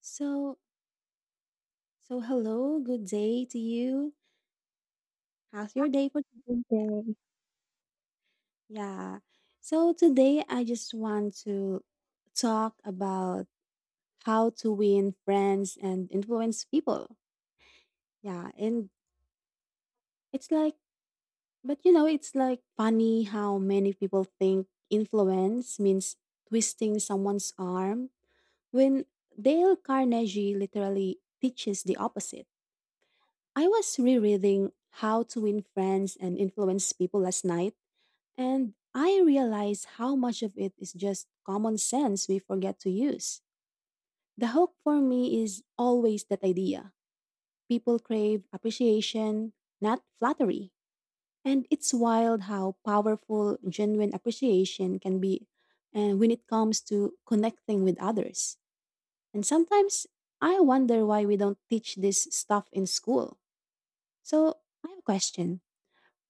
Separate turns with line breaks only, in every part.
So so hello, good day to you. How's your day for.
Something.
Yeah. So today I just want to talk about how to win friends and influence people. Yeah, and it's like but you know, it's like funny how many people think influence means twisting someone's arm when Dale Carnegie literally teaches the opposite. I was rereading How to Win Friends and Influence People last night. And I realize how much of it is just common sense we forget to use. The hook for me is always that idea. People crave appreciation, not flattery. And it's wild how powerful genuine appreciation can be and when it comes to connecting with others. And sometimes I wonder why we don't teach this stuff in school. So I have a question.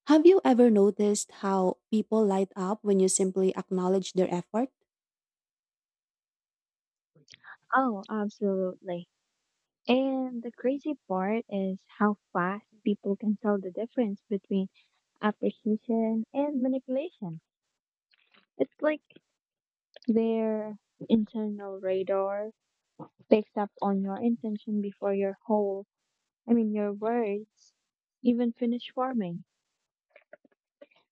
Have you ever noticed how people light up when you simply acknowledge their effort?
Oh, absolutely. And the crazy part is how fast people can tell the difference between appreciation and manipulation. It's like their internal radar picks up on your intention before your your words even finish forming.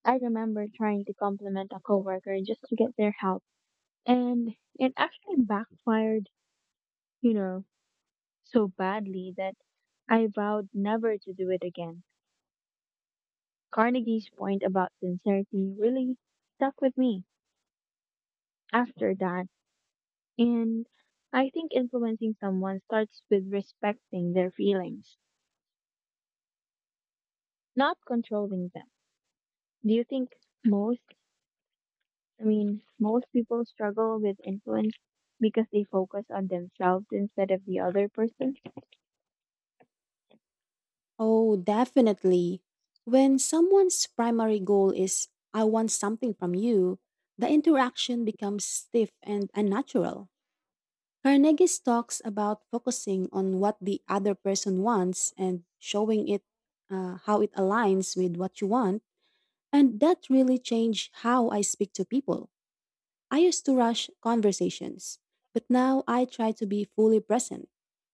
I remember trying to compliment a coworker just to get their help, and it actually backfired, you know. so badly that I vowed never to do it again. Carnegie's point about sincerity really stuck with me after that, and I think influencing someone starts with respecting their feelings, not controlling them. Do you think most, most people struggle with influence because they focus on themselves instead of the other person?
Oh, definitely. When someone's primary goal is, I want something from you, the interaction becomes stiff and unnatural. Carnegie talks about focusing on what the other person wants and showing it how it aligns with what you want, and that really changed how I speak to people. I used to rush conversations, but now I try to be fully present,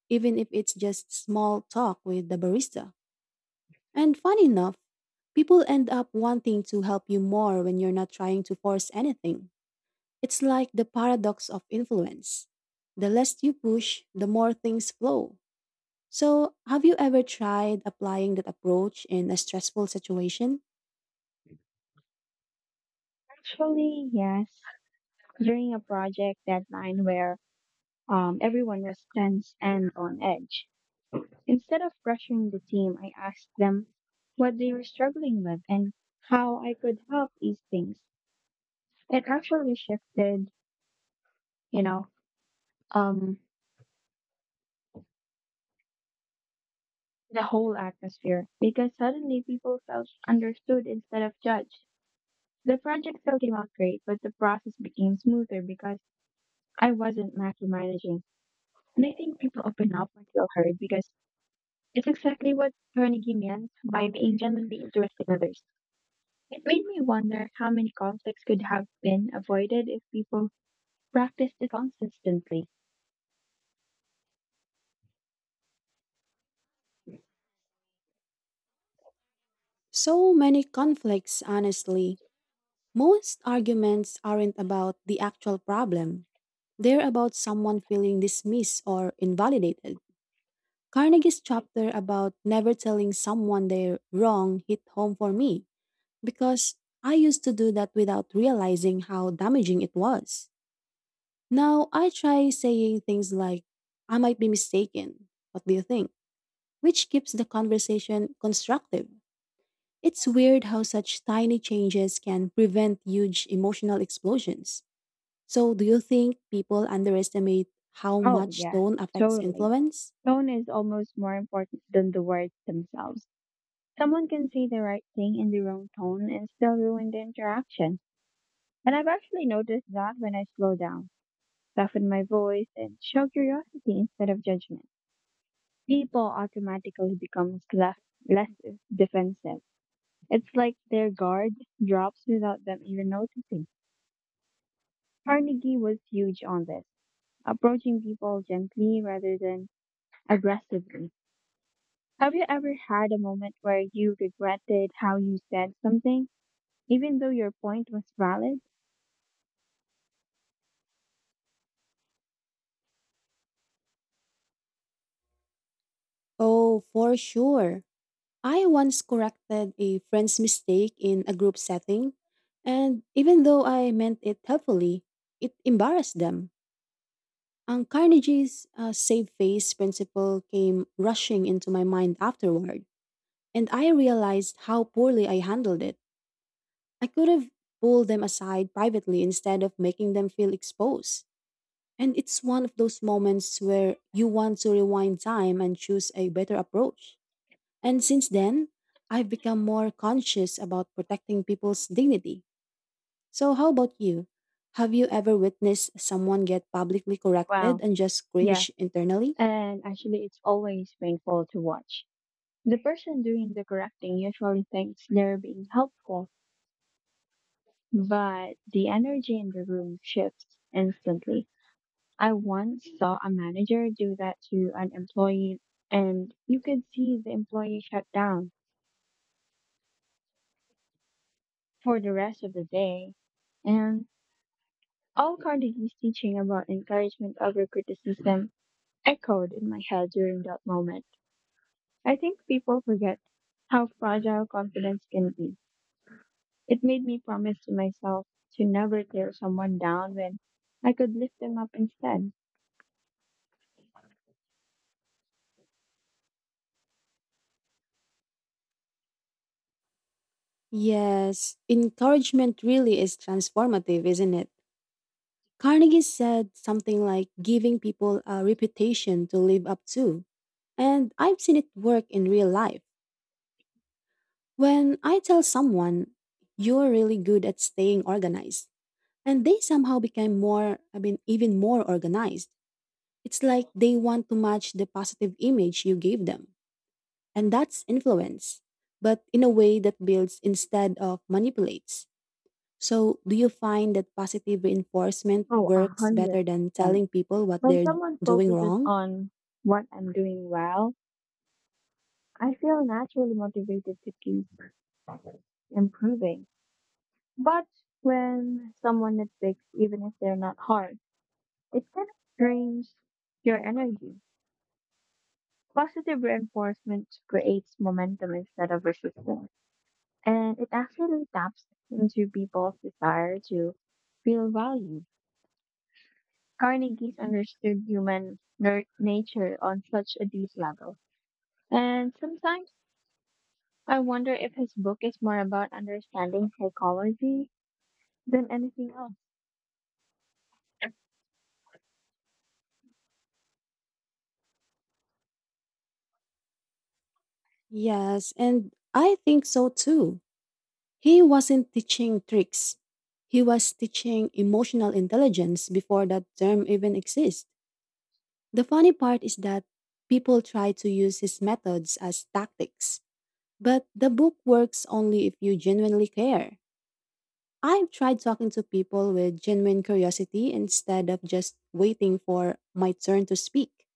even if it's just small talk with the barista. And fun enough, people end up wanting to help you more when you're not trying to force anything. It's like the paradox of influence. The less you push, the more things flow. So, have you ever tried applying that approach in a stressful situation?
Actually, yes. During a project deadline where everyone was tense and on edge, instead of pressuring the team, I asked them what they were struggling with and how I could help ease things. It actually shifted, you know, um, the whole atmosphere because suddenly people felt understood instead of judged. The project still came out great, but the process became smoother because I wasn't micromanaging. And I think people open up when feel heard because it's exactly what Carnegie meant by being genuinely interested in others. It made me wonder how many conflicts could have been avoided if people practiced it consistently.
So many conflicts, honestly. Most arguments aren't about the actual problem, they're about someone feeling dismissed or invalidated. Carnegie's chapter about never telling someone they're wrong hit home for me because I used to do that without realizing how damaging it was. Now I try saying things like, I might be mistaken. What do you think? Which keeps the conversation constructive. It's weird how such tiny changes can prevent huge emotional explosions. So, do you think people underestimate how
Oh,
much
yes,
tone affects
totally.
influence?
Tone is almost more important than the words themselves. Someone can say the right thing in the wrong tone and still ruin the interaction. And I've actually noticed that when I slow down, soften my voice, and show curiosity instead of judgment, people automatically becomes less defensive. It's like their guard drops without them even noticing. Carnegie was huge on this, approaching people gently rather than aggressively. Have you ever had a moment where you regretted how you said something, even though your point was valid?
Oh, for sure. I once corrected a friend's mistake in a group setting, and even though I meant it helpfully, it embarrassed them. And Carnegie's save face principle came rushing into my mind afterward, and I realized how poorly I handled it. I could have pulled them aside privately instead of making them feel exposed. And it's one of those moments where you want to rewind time and choose a better approach. And since then, I've become more conscious about protecting people's dignity. So, how about you? Have you ever witnessed someone get publicly corrected
Well,
and just
yes,
cringe internally?
and actually, it's always painful to watch. The person doing the correcting usually thinks they're being helpful, but the energy in the room shifts instantly. I once saw a manager do that to an employee, and you could see the employee shut down for the rest of the day. And all Carnegie's teaching about encouragement over criticism echoed in my head during that moment. I think people forget how fragile confidence can be. It made me promise to myself to never tear someone down when I could lift them up instead.
Yes, encouragement really is transformative, isn't it? Carnegie said something like giving people a reputation to live up to. And I've seen it work in real life. When I tell someone, you're really good at staying organized, and they somehow became even more organized. It's like they want to match the positive image you gave them. And that's influence, but in a way that builds instead of manipulates. So, do you find that positive reinforcement
Oh, a
works
hundred
better than
percent.
telling people what
When
they're
someone
doing
focuses
wrong?
on what I'm doing well, I feel naturally motivated to keep improving. But when someone nitpicks, even if they're not hard, it kind of drains your energy. Positive reinforcement creates momentum instead of resistance. And it actually taps into people's desire to feel valued. Carnegie's understood human nature on such a deep level. And sometimes I wonder if his book is more about understanding psychology than anything else.
Yes, and I think so too. He wasn't teaching tricks, he was teaching emotional intelligence before that term even exists. The funny part is that people try to use his methods as tactics, but the book works only if you genuinely care. I've tried talking to people with genuine curiosity instead of just waiting for my turn to speak,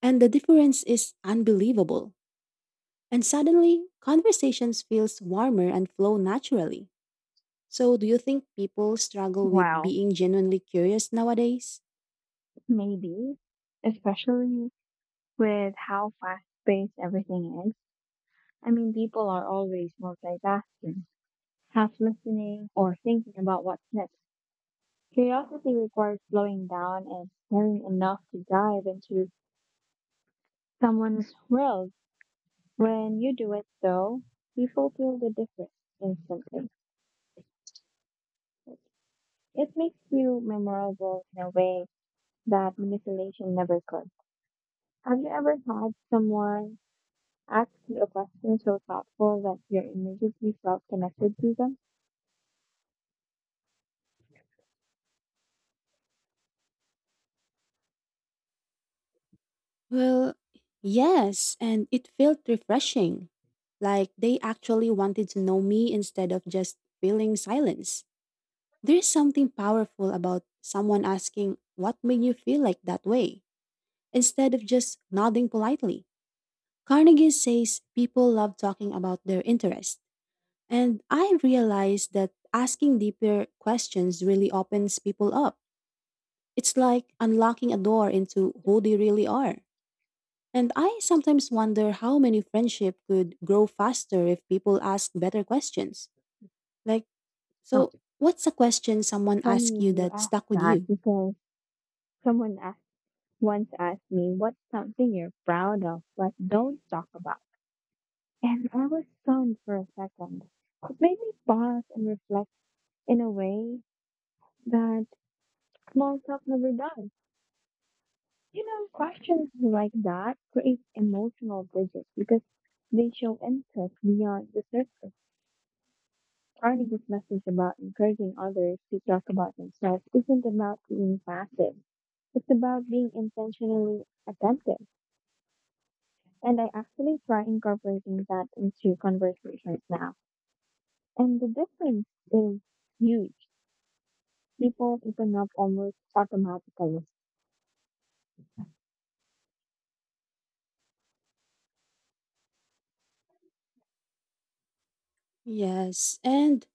and the difference is unbelievable. And suddenly, conversations feels warmer and flow naturally. So, do you think people struggle with
Wow,
being genuinely curious nowadays?
maybe, especially with how fast paced everything is. I mean, people are always multitasking, half listening or thinking about what's next. Curiosity requires slowing down and caring enough to dive into someone's world. When you do it, though, people feel the difference instantly. It makes you memorable in a way that manipulation never could. Have you ever had someone ask a question so thoughtful that you immediately felt connected to them.
Well, yes, and it felt refreshing. Like they actually wanted to know me instead of just feeling silence. There's something powerful about someone asking, what made you feel like that way? Instead of just nodding politely. Carnegie says people love talking about their interests. And I realized that asking deeper questions really opens people up. It's like unlocking a door into who they really are. And I sometimes wonder how many friendship could grow faster if people ask better questions. Like,
Oh,
so what's a question someone
funny
asked you
you
that
ask
stuck with
that
you?
because someone once asked me, what's something you're proud of but don't talk about? And I was stunned for a second. It made me pause and reflect in a way that small talk never does. You know, questions like that create emotional bridges because they show interest beyond the surface. Starting this message about encouraging others to talk about themselves isn't about being passive. It's about being intentionally attentive. And I actually try incorporating that into conversations now. And the difference is huge. People open up almost automatically.
Yes, and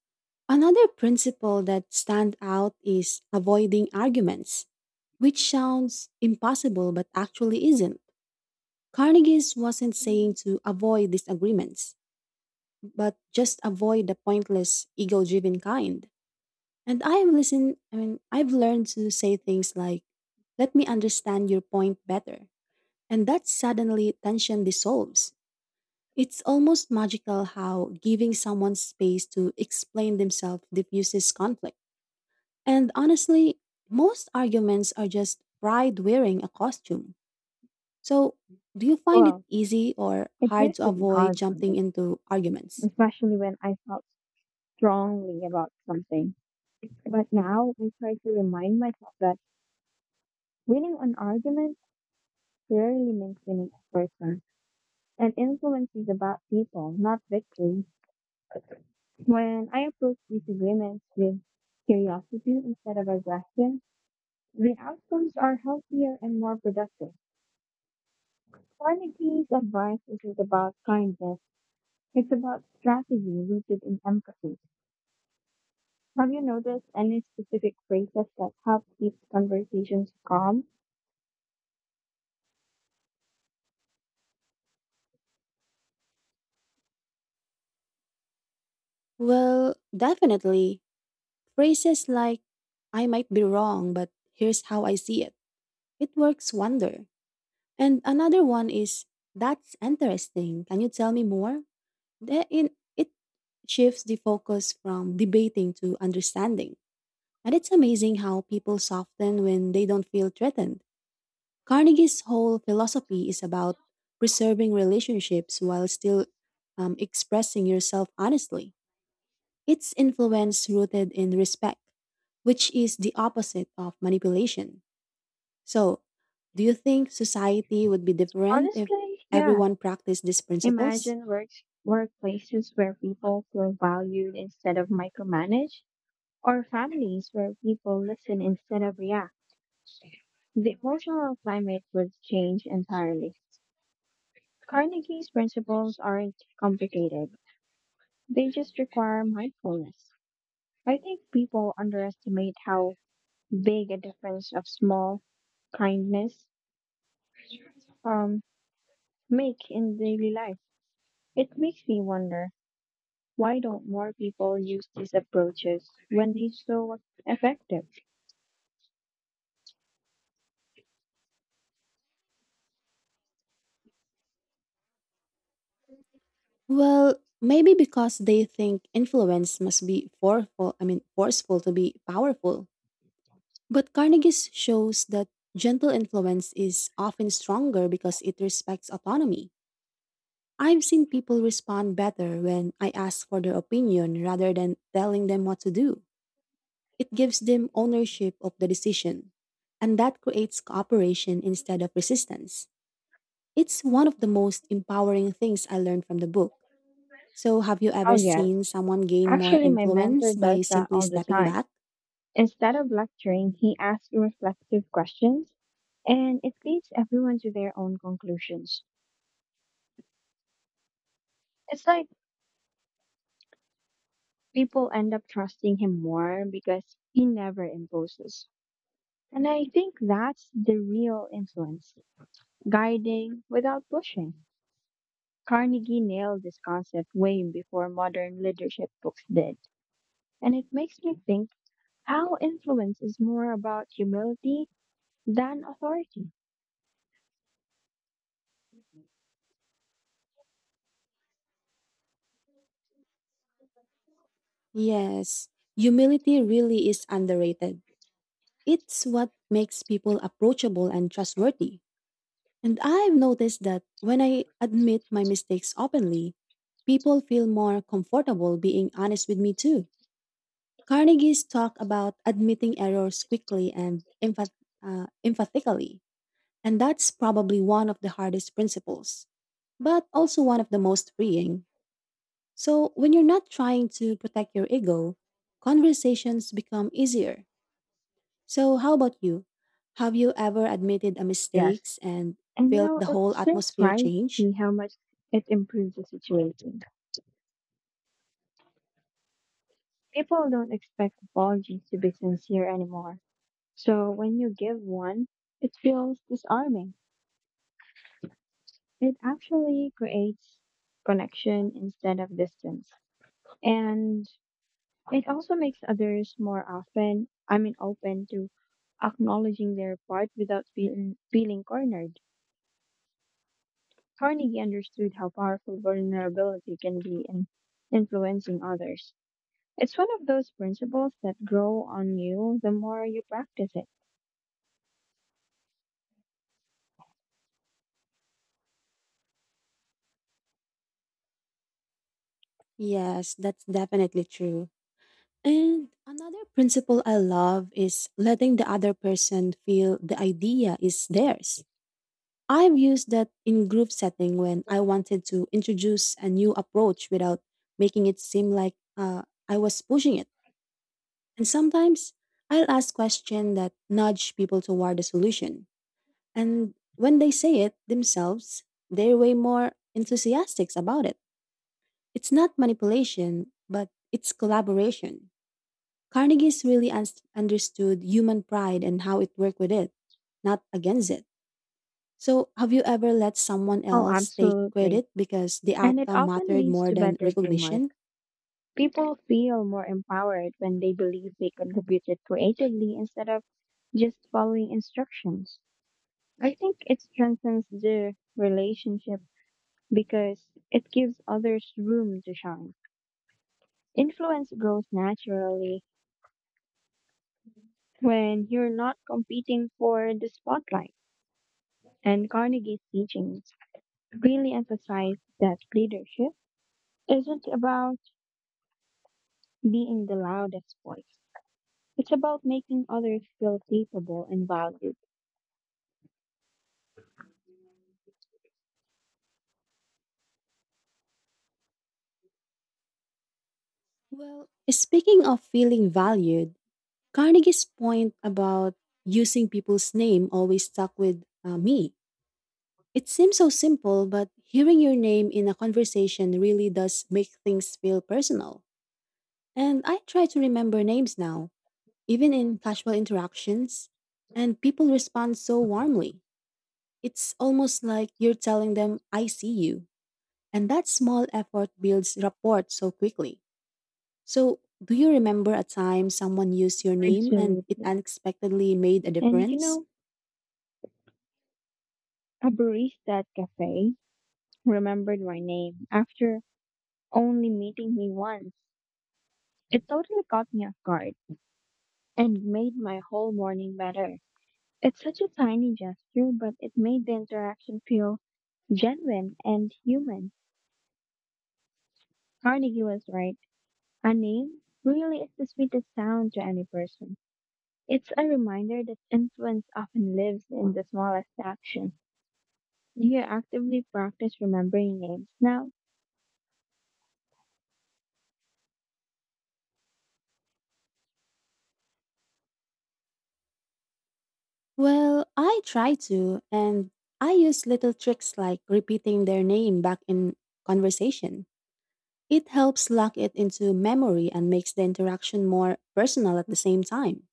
another principle that stand out is avoiding arguments, which sounds impossible but actually isn't. Carnegie's wasn't saying to avoid disagreements, but just avoid the pointless ego-driven kind. And I have listened, I mean, I've learned to say things like, let me understand your point better. And that suddenly tension dissolves. It's almost magical how giving someone space to explain themselves diffuses conflict. And honestly, most arguments are just pride wearing a costume. So, do you find it
Well,
easy or
it
hard
used
to
to be
avoid
hard for
jumping
me,
into arguments?
especially when I felt strongly about something. But now I try to remind myself that winning an argument rarely means winning a person. And influence is about people, not victory. When I approach disagreements with curiosity instead of aggression, the outcomes are healthier and more productive. Carnegie's advice isn't about kindness, it's about strategy rooted in empathy. Have you noticed any specific phrases that help keep conversations calm?
Well, definitely. Phrases like, I might be wrong, but here's how I see it. It works wonder. And another one is, that's interesting. Can you tell me more? It shifts the focus from debating to understanding. And it's amazing how people soften when they don't feel threatened. Carnegie's whole philosophy is about preserving relationships while still expressing yourself honestly. It's influence rooted in respect, which is the opposite of manipulation. So, do you think society would be different if
Honestly, yeah.
everyone practiced these principles?
Imagine works workplaces where people feel valued instead of micromanaged or families where people listen instead of react, the emotional climate would change entirely. Carnegie's principles aren't complicated, they just require mindfulness. I think people underestimate how big a difference of small kindness um, make in daily life. It makes me wonder why don't more people use these approaches when they're so effective?
Well, maybe because they think influence must be forceful to be powerful. But Carnegie's shows that gentle influence is often stronger because it respects autonomy. I've seen people respond better when I ask for their opinion rather than telling them what to do. It gives them ownership of the decision, and that creates cooperation instead of resistance. It's one of the most empowering things I learned from the book. So, have you
Oh,
ever
yes.
seen someone gain more
Actually, my mentor
influence by
does that
simply
all the
stepping
time.
back?
Instead of lecturing, he asks reflective questions and it leads everyone to their own conclusions. It's like people end up trusting him more because he never imposes. And I think that's the real influence guiding without pushing. Carnegie nailed this concept way before modern leadership books did. And it makes me think how influence is more about humility than authority.
Yes, humility really is underrated. It's what makes people approachable and trustworthy. And I've noticed that when I admit my mistakes openly, people feel more comfortable being honest with me too. Carnegie's talk about admitting errors quickly and emphatically, and that's probably one of the hardest principles, but also one of the most freeing. So, when you're not trying to protect your ego, conversations become easier. So, how about you? Have you ever admitted a
Yes.
mistakes and
And you
felt
know,
the whole
it's
atmosphere
surprised
change?
me how much it improves the situation. People don't expect apologies to be sincere anymore. So when you give one, it feels disarming. It actually creates connection instead of distance. And it also makes others more often, I mean, open to acknowledging their part without feeling cornered. Carnegie understood how powerful vulnerability can be in influencing others. It's one of those principles that grow on you the more you practice it.
Yes, that's definitely true. And another principle I love is letting the other person feel the idea is theirs. I've used that in group setting when I wanted to introduce a new approach without making it seem like I was pushing it. And sometimes I'll ask questions that nudge people toward the solution. And when they say it themselves, they're way more enthusiastic about it. It's not manipulation, but it's collaboration. Carnegie's really understood human pride and how it worked with it, not against it. So, have you ever let someone
Oh,
else take
absolutely.
credit because the
And it
outcome
often
mattered
leads
more
to
than
better teamwork.
recognition?
People feel more empowered when they believe they contributed creatively instead of just following instructions. I think it strengthens the relationship because it gives others room to shine. Influence grows naturally when you're not competing for the spotlight. And Carnegie's teachings really emphasized that leadership isn't about being the loudest voice. It's about making others feel capable and valued.
Well, speaking of feeling valued, Carnegie's point about using people's name always stuck with me. It seems so simple, but hearing your name in a conversation really does make things feel personal. And I try to remember names now even in casual interactions, and people respond so warmly. It's almost like you're telling them, I see you. And that small effort builds rapport so quickly. So, do you remember a time someone used your name and it
Absolutely.
unexpectedly made a
And you
difference?
know, a barista at cafe remembered my name after only meeting me once. It totally caught me off guard and made my whole morning better. It's such a tiny gesture, but it made the interaction feel genuine and human. Carnegie was right. A name really is the sweetest sound to any person. It's a reminder that influence often lives in the smallest action. Do you actively practice remembering names now?
Well, I try to, and I use little tricks like repeating their name back in conversation. It helps lock it into memory and makes the interaction more personal at the same time.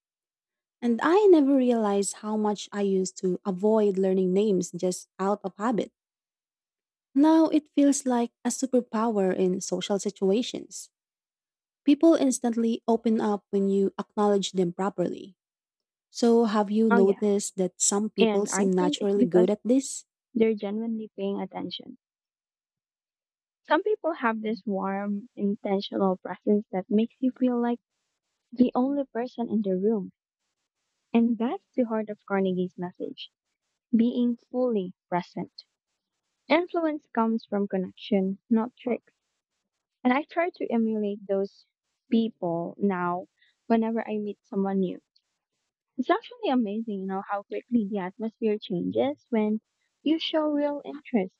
And I never realized how much I used to avoid learning names just out of habit. Now it feels like a superpower in social situations. People instantly open up when you acknowledge them properly. So, have you
Oh, yeah.
noticed that some people
And I
seem
think it's
naturally good
because
at this?
they're genuinely paying attention. Some people have this warm, intentional presence that makes you feel like the only person in the room. And that's the heart of Carnegie's message, being fully present. Influence comes from connection, not tricks. And I try to emulate those people now whenever I meet someone new. It's actually amazing, you know, how quickly the atmosphere changes when you show real interest.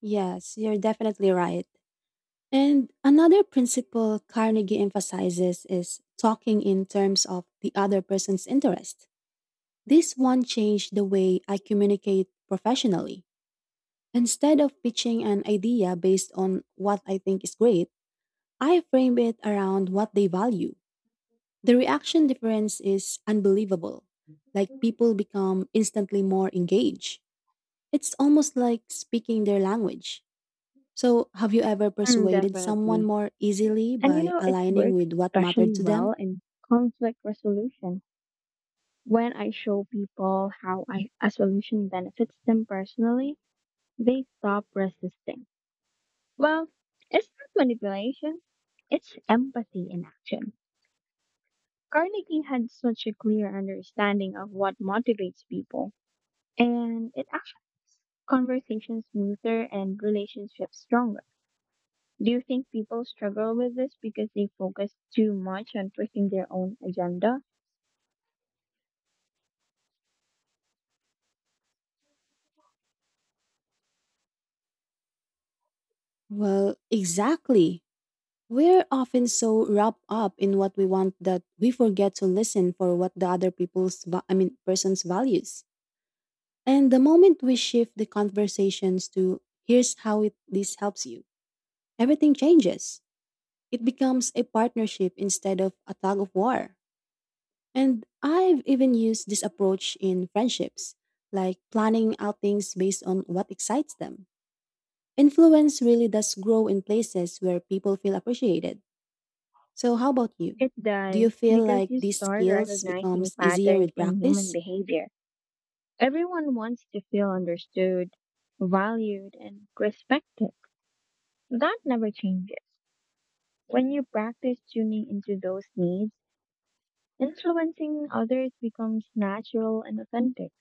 Yes, you're definitely right. And another principle Carnegie emphasizes is talking in terms of the other person's interest. This one changed the way I communicate professionally. Instead of pitching an idea based on what I think is great, I frame it around what they value. The reaction difference is unbelievable. Like people become instantly more engaged. It's almost like speaking their language. So, have you ever
Mm,
persuaded someone
definitely.
more easily
And you
by
know, it
aligning
works
with what
especially
mattered to
well
them?
in conflict resolution. When I show people how I, a solution benefits them personally, they stop resisting. Well, it's not manipulation, it's empathy in action. Carnegie had such a clear understanding of what motivates people, and it actually makes conversations smoother and relationships stronger. Do you think people struggle with this because they focus too much on pushing their own agenda?
Well, exactly. We're often so wrapped up in what we want that we forget to listen for what the other people's va- I mean person's values. And the moment we shift the conversations to this helps you, everything changes. It becomes a partnership instead of a tug of war. And I've even used this approach in friendships, like planning outings based on what excites them. Influence really does grow in places where people feel appreciated. So how about you?
It
Do you
does,
feel
because
like
you
these
start
skills
recognizing
becomes easier
patterns
with
in human
practice?
behavior. Everyone wants to feel understood, valued, and respected. That never changes. When you practice tuning into those needs, influencing others becomes natural and authentic.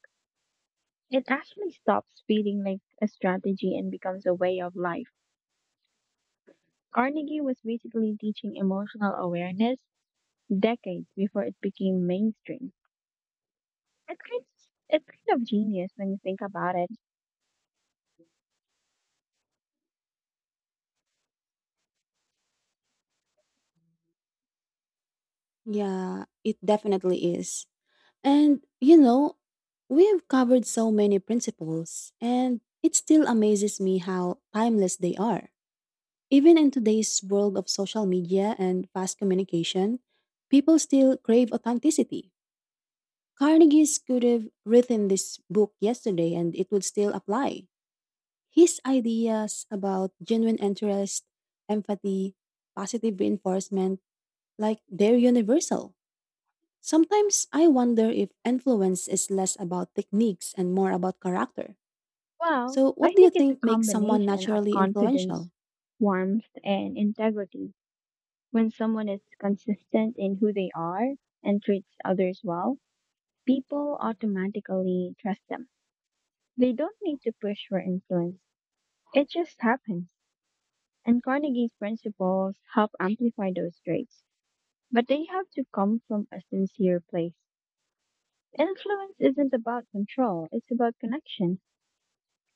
It actually stops feeling like a strategy and becomes a way of life. Carnegie was basically teaching emotional awareness decades before it became mainstream. It's kind of, it's kind of genius when you think about it.
Yeah, it definitely is. And, you know, we have covered so many principles, and it still amazes me how timeless they are. Even in today's world of social media and fast communication, people still crave authenticity. Carnegie's could have written this book yesterday and it would still apply. His ideas about genuine interest, empathy, positive reinforcement, like they're universal. Sometimes I wonder if influence is less about techniques and more about character.
Well,
So, what
I
do you
think it's a
think makes someone
combination of
naturally
confidence,
influential?
warmth, and integrity. When someone is consistent in who they are and treats others well, people automatically trust them. They don't need to push for influence. It just happens. And Carnegie's principles help amplify those traits. But they have to come from a sincere place. Influence isn't about control, it's about connection.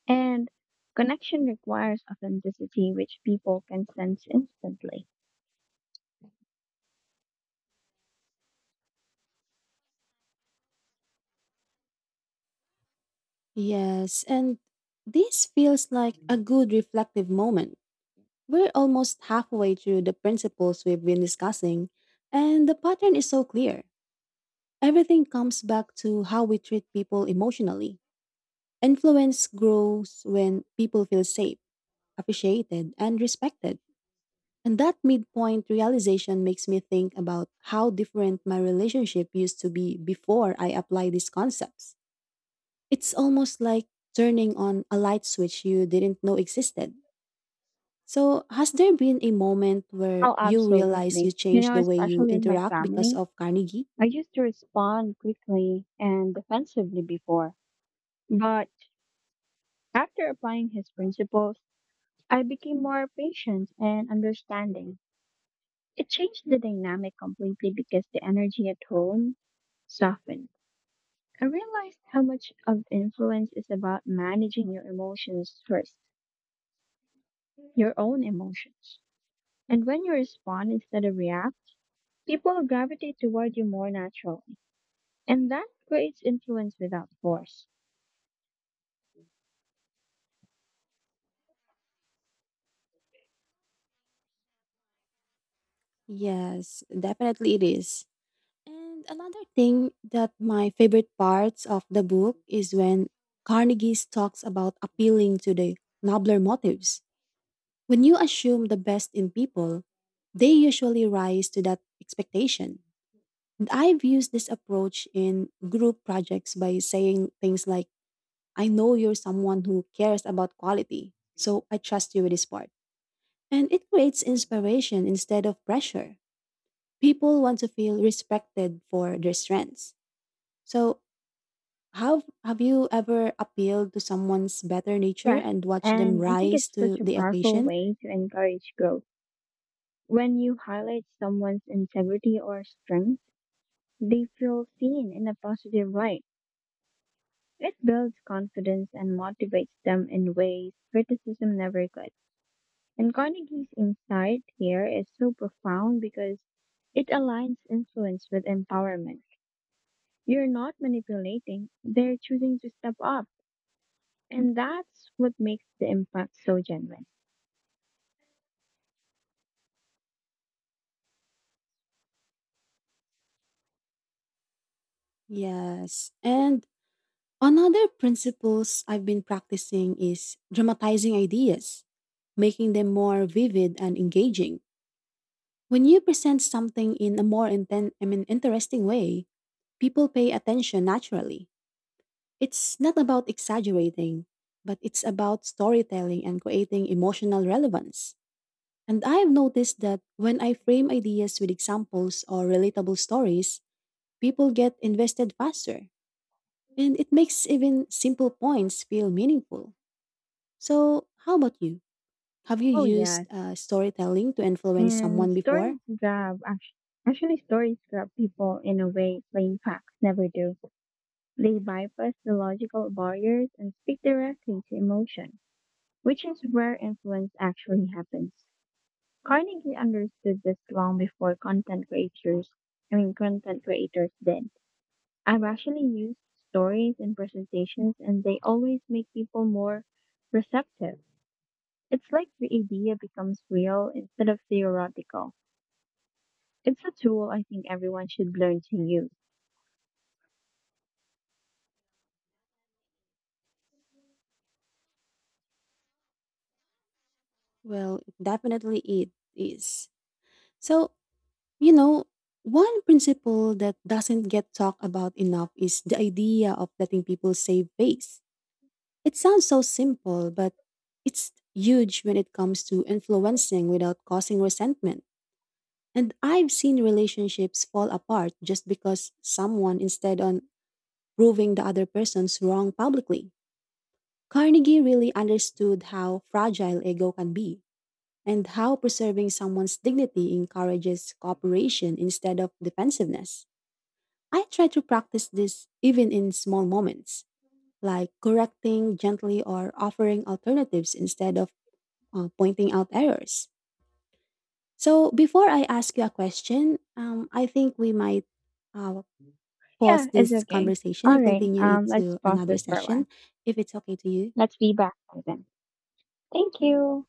And connection requires authenticity, which people can sense instantly.
Yes, and this feels like a good reflective moment. We're almost halfway through the principles we've been discussing, and the pattern is so clear. Everything comes back to how we treat people emotionally. Influence grows when people feel safe, appreciated, and respected. And that midpoint realization makes me think about how different my relationship used to be before I apply these concepts. It's almost like turning on a light switch you didn't know existed. So, has there been a moment where
Oh,
you realize you
absolutely. You
changed
know,
the way you
especially in my
interact because
family,
of Carnegie?
I used to respond quickly and defensively before. But after applying his principles, I became more patient and understanding. It changed the dynamic completely because the energy at home softened. I realized how much of influence is about managing your emotions first, your own emotions. And when you respond instead of react, people gravitate toward you more naturally. And that creates influence without force.
Yes, definitely it is. And another thing that my favorite parts of the book is when Carnegie talks about appealing to the nobler motives. When you assume the best in people, they usually rise to that expectation. And I've used this approach in group projects by saying things like, I know you're someone who cares about quality, so I trust you with this part. And it creates inspiration instead of pressure. People want to feel respected for their strengths. So, how have you ever appealed to someone's better nature
Rest.
and watched them
And I think
rise
it's
to
such a
the
powerful
occasion?
way to encourage growth. When you highlight someone's integrity or strength, they feel seen in a positive light. It builds confidence and motivates them in ways criticism never could. And Carnegie's insight here is so profound because it aligns influence with empowerment. You're not manipulating, they're choosing to step up. And that's what makes the impact so genuine.
Yes. And another principles I've been practicing is dramatizing ideas, making them more vivid and engaging. When you present something in a more interesting way, people pay attention naturally. It's not about exaggerating, but it's about storytelling and creating emotional relevance. And I have noticed that when I frame ideas with examples or relatable stories, people get invested faster, and it makes even simple points feel meaningful. So, how about you? Have you
Oh,
used
yes.
uh, storytelling to influence
And
someone before?
actually stories grab people in a way plain facts never do. They bypass the logical barriers and speak directly to emotion, which is where influence actually happens. Carnegie understood this long before content creators did. I've actually used stories in presentations and they always make people more receptive. It's like the idea becomes real instead of theoretical. It's a tool I think everyone should learn to use.
Well, definitely it is. So, you know, One principle that doesn't get talked about enough is the idea of letting people save face. It sounds so simple, but it's huge when it comes to influencing without causing resentment. And I've seen relationships fall apart just because someone, instead on proving the other person's wrong publicly. Carnegie really understood how fragile ego can be and how preserving someone's dignity encourages cooperation instead of defensiveness. I try to practice this even in small moments, like correcting gently or offering alternatives instead of pointing out errors. So, before I ask you a question, I think we might uh, pause
Yeah, it's
this
okay.
conversation
All
and
right,
continue it
let's
to
pause
another
this for a
session
while.
if it's okay to you.
Let's be back by then. Thank you.